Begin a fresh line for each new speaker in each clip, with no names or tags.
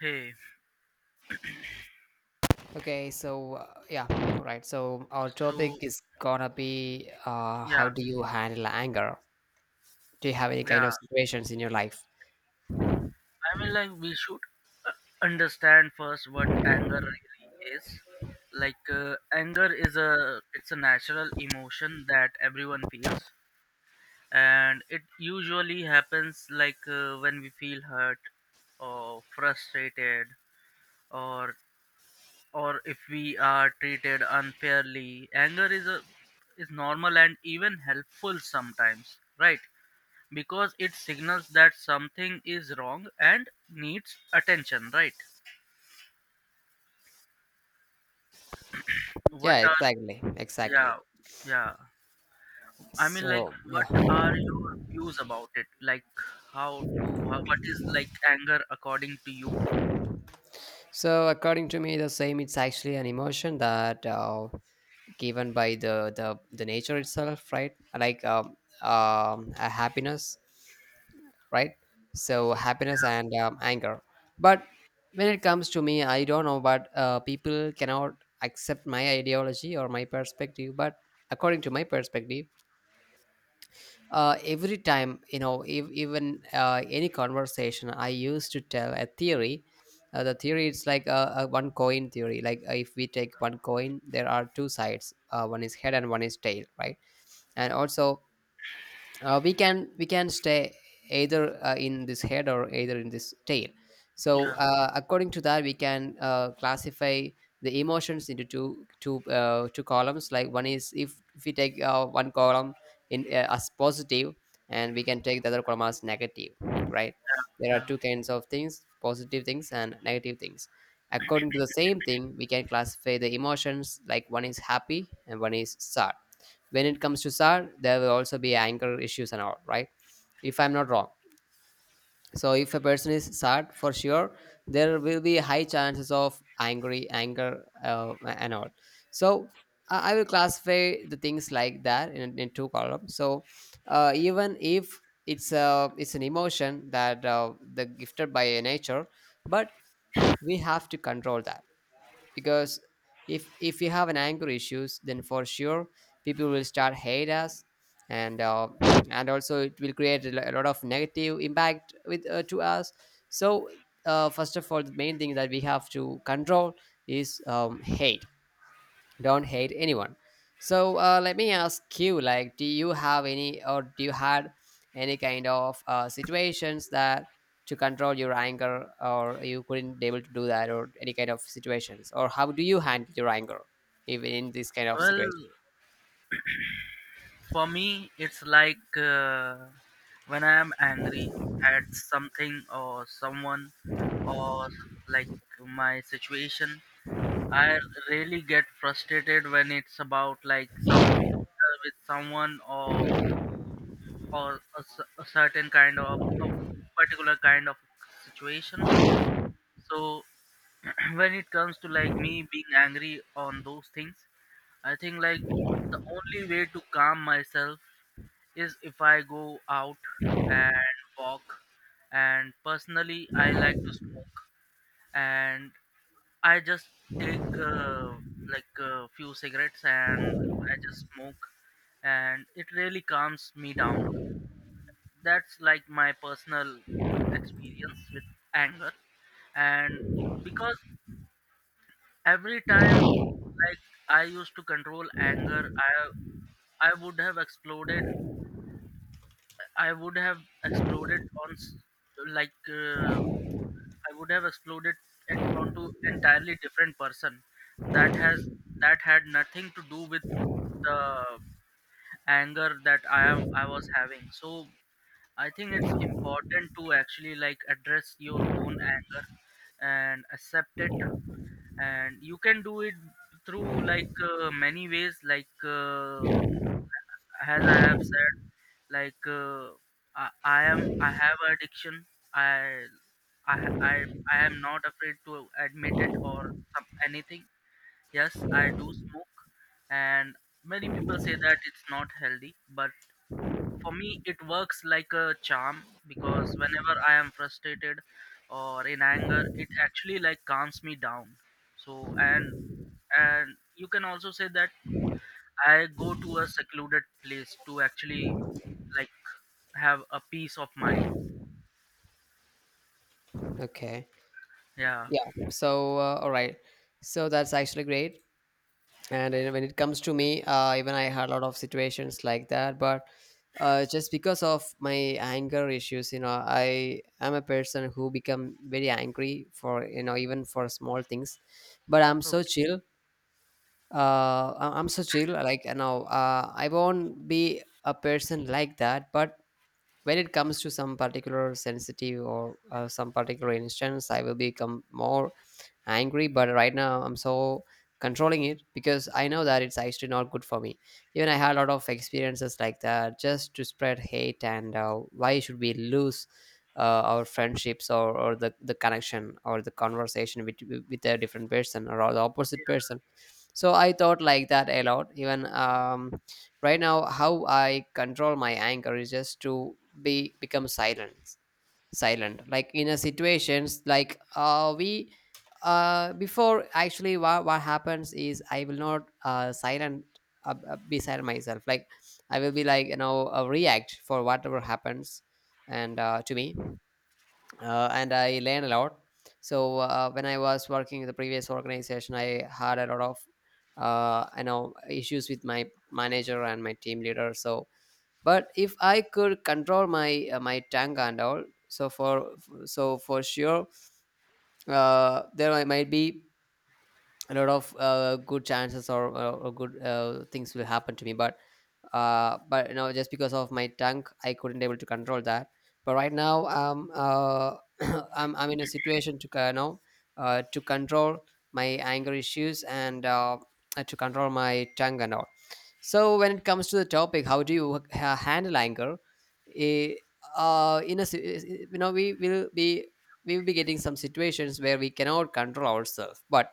Hey,
Okay. So our topic
so
is gonna be how
yeah,
do you handle anger? Do you have any kind
yeah.
of situations in your life?
I mean, like we should uh, understand first what anger really is. Anger is a it's a natural emotion that everyone feels, and it usually happens when we feel hurt or frustrated or or if we are treated unfairly. Anger is normal and even helpful sometimes, right? Because it signals that something is wrong and needs attention, right? what
Yeah,
are
exactly,
Yeah,
exactly.
yeah. I mean, like
So yeah,
what are your views about it, like how to, what is like anger according to you?
so according to me, the same. It's actually an emotion that given by the nature itself, right? Like a happiness, right? So happiness and anger. But when it comes to me, I don't know, but people cannot accept my ideology or my perspective. But according to my perspective, every time if, even any conversation, I used to tell a theory. The theory is like a one coin theory. Like if we take one coin, there are two sides. One is head and one is tail, right? And also we can stay either in this head or either in this tail, so
Yeah,
according to that we can classify the emotions into two columns. Like one is if, we take one column in as positive, and we can take the other column as negative, right?
yeah,
There are
yeah.
two kinds of things, positive things and negative things. According to the same thing, we can classify the emotions like one is happy and one is sad. When it comes to sad, there will also be anger issues and all, right? If I'm not wrong. So if a person is sad, for sure there will be high chances of angry anger and all. So I will classify the things like that in two columns. So even if it's a it's an emotion that the gifted by nature, but we have to control that, because if we have an anger issues, then for sure people will start hate us. And and also it will create a a lot of negative impact with to us. So first of all, the main thing that we have to control is hate. Don't hate anyone. So let me ask you, like, do you have any or do you had any kind of situations that to control your anger or you couldn't able to do that or any kind of situations, or how do you handle your anger even in this kind of
Well,
situation?
for me it's like when I am angry at something or someone, or like my situation. I really get frustrated when it's about like some, with someone, or a certain kind of a particular kind of situation. So when it comes to like me being angry on those things, I think like the only way to calm myself is if I go out and walk. And personally, I like to smoke. And I just take like a few cigarettes and I just smoke, and it really calms me down. That's like my personal experience with anger. And because every time like I used to control anger, I would have exploded. I would have exploded on s- like. I would have exploded and onto entirely different person that has that had nothing to do with the anger that I was having. So I think it's important to actually like address your own anger and accept it, and you can do it through like many ways, like as I have said, like I have addiction. I I I am not afraid to admit it or some, anything. Yes, I do smoke, and many people say that it's not healthy, but for me it works like a charm because whenever I am frustrated or in anger it actually like calms me down. So, and you can also say that I go to a secluded place to actually like have a peace of mind.
Okay,
Yeah.
yeah, so all right. So that's actually great. And when it comes to me, even I had a lot of situations like that. But just because of my anger issues, you know, I am a person who become very angry for, you know, even for small things. But I'm so
Okay.
chill. I'm so chill, like, you know, I won't be a person like that. But when it comes to some particular sensitive or some particular instance, I will become more angry. But right now I'm so controlling it because I know that it's actually not good for me. Even I had a lot of experiences like that, just to spread hate. And why should we lose our friendships or the connection or the conversation with a different person or the opposite person? So I thought like that a lot. Even right now how I control my anger is just to be become silent. Silent, like in a situations like we before, actually, what happens is I will not silent, be silent myself. Like I will be, like, you know, react for whatever happens. And to me, and I learn a lot. So when I was working in the previous organization, I had a lot of you know, issues with my manager and my team leader. So but if I could control my my tank and all, so for so for sure there I might be a lot of good chances or good things will happen to me. But but you know, just because of my tongue, I couldn't able to control that. But right now, I'm in a situation to you know, to control my anger issues and to control my tongue and all. So when it comes to the topic, how do you handle anger, eh, in a you know, we will be getting some situations where we cannot control ourselves. But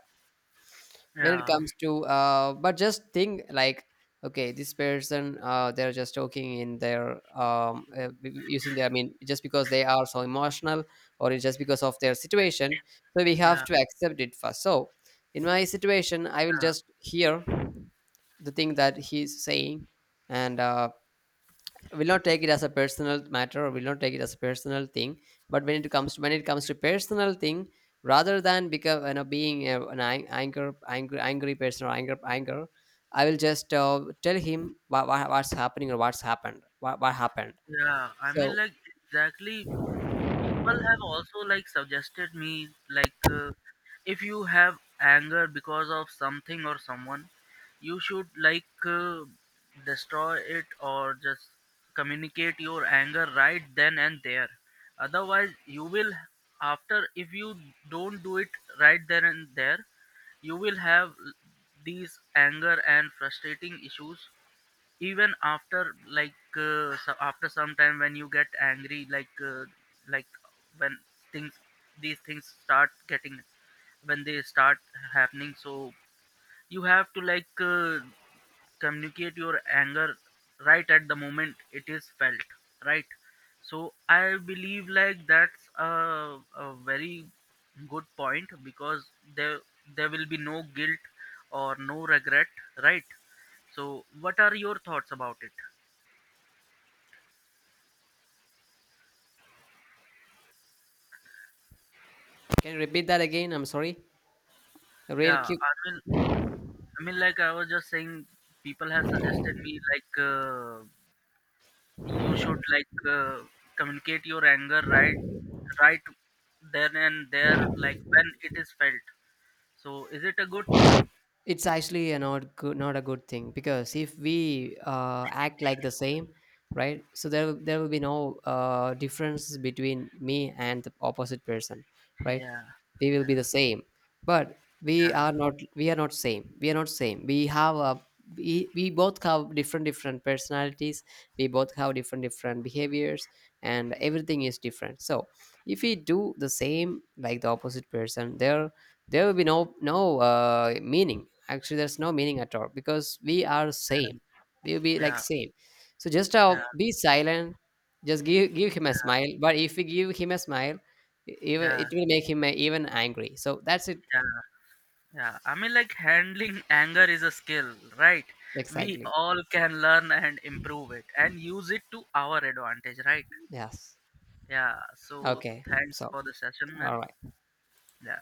when it
Yeah.
comes to but just think like, okay, this person, they're just talking in their using their, I mean, just because they are so emotional, or it's just because of their situation. So we have
Yeah.
to accept it first. So in my situation, I will
Yeah.
just hear the thing that he's saying. And will not take it as a personal matter, or will not take it as a personal thing. But when it comes to, when it comes to personal thing, rather than become, you know, being an ang- anger angry angry person or anger, I will just tell him what's happening or what's happened, what happened.
Yeah. I
So
mean, like exactly, people have also like suggested me, like if you have anger because of something or someone, you should like destroy it or just communicate your anger right then and there, otherwise you will, after, if you don't do it right then and there, you will have these anger and frustrating issues even after, like so after some time when you get angry, like when things, these things start getting, when they start happening. So you have to like communicate your anger right at the moment it is felt, right? So I believe like that's a very good point, because there there will be no guilt or no regret, right? So what are your thoughts about it?
can you repeat that again? I'm sorry, real
Yeah,
quick.
I mean, like I was just saying, people have suggested me like you should like communicate your anger right, right then and there, like when it is felt. So, is it a good thing?
It's actually a not good, not a good thing, because if we act like the same, right? So there will be no difference between me and the opposite person, right?
Yeah,
We will be the
yeah,
same. But we
yeah,
are not, we are not same, we are not same. We have a, we both have different different personalities. We both have different different behaviors, and everything is different. So if we do the same like the opposite person, there will be no meaning. Actually there's no meaning at all, because we are same, we will be like
yeah,
same. So just
yeah,
be silent. Just give him a smile. But if we give him a smile, even it
yeah,
will make him even angry. So that's it.
yeah, yeah. I mean, like handling anger is a skill, right? We
Exactly.
all can learn and improve it and use it to our advantage, right?
Yes.
Yeah. So,
Okay,
thanks
so
for the session,
all
man.
right.
Yeah.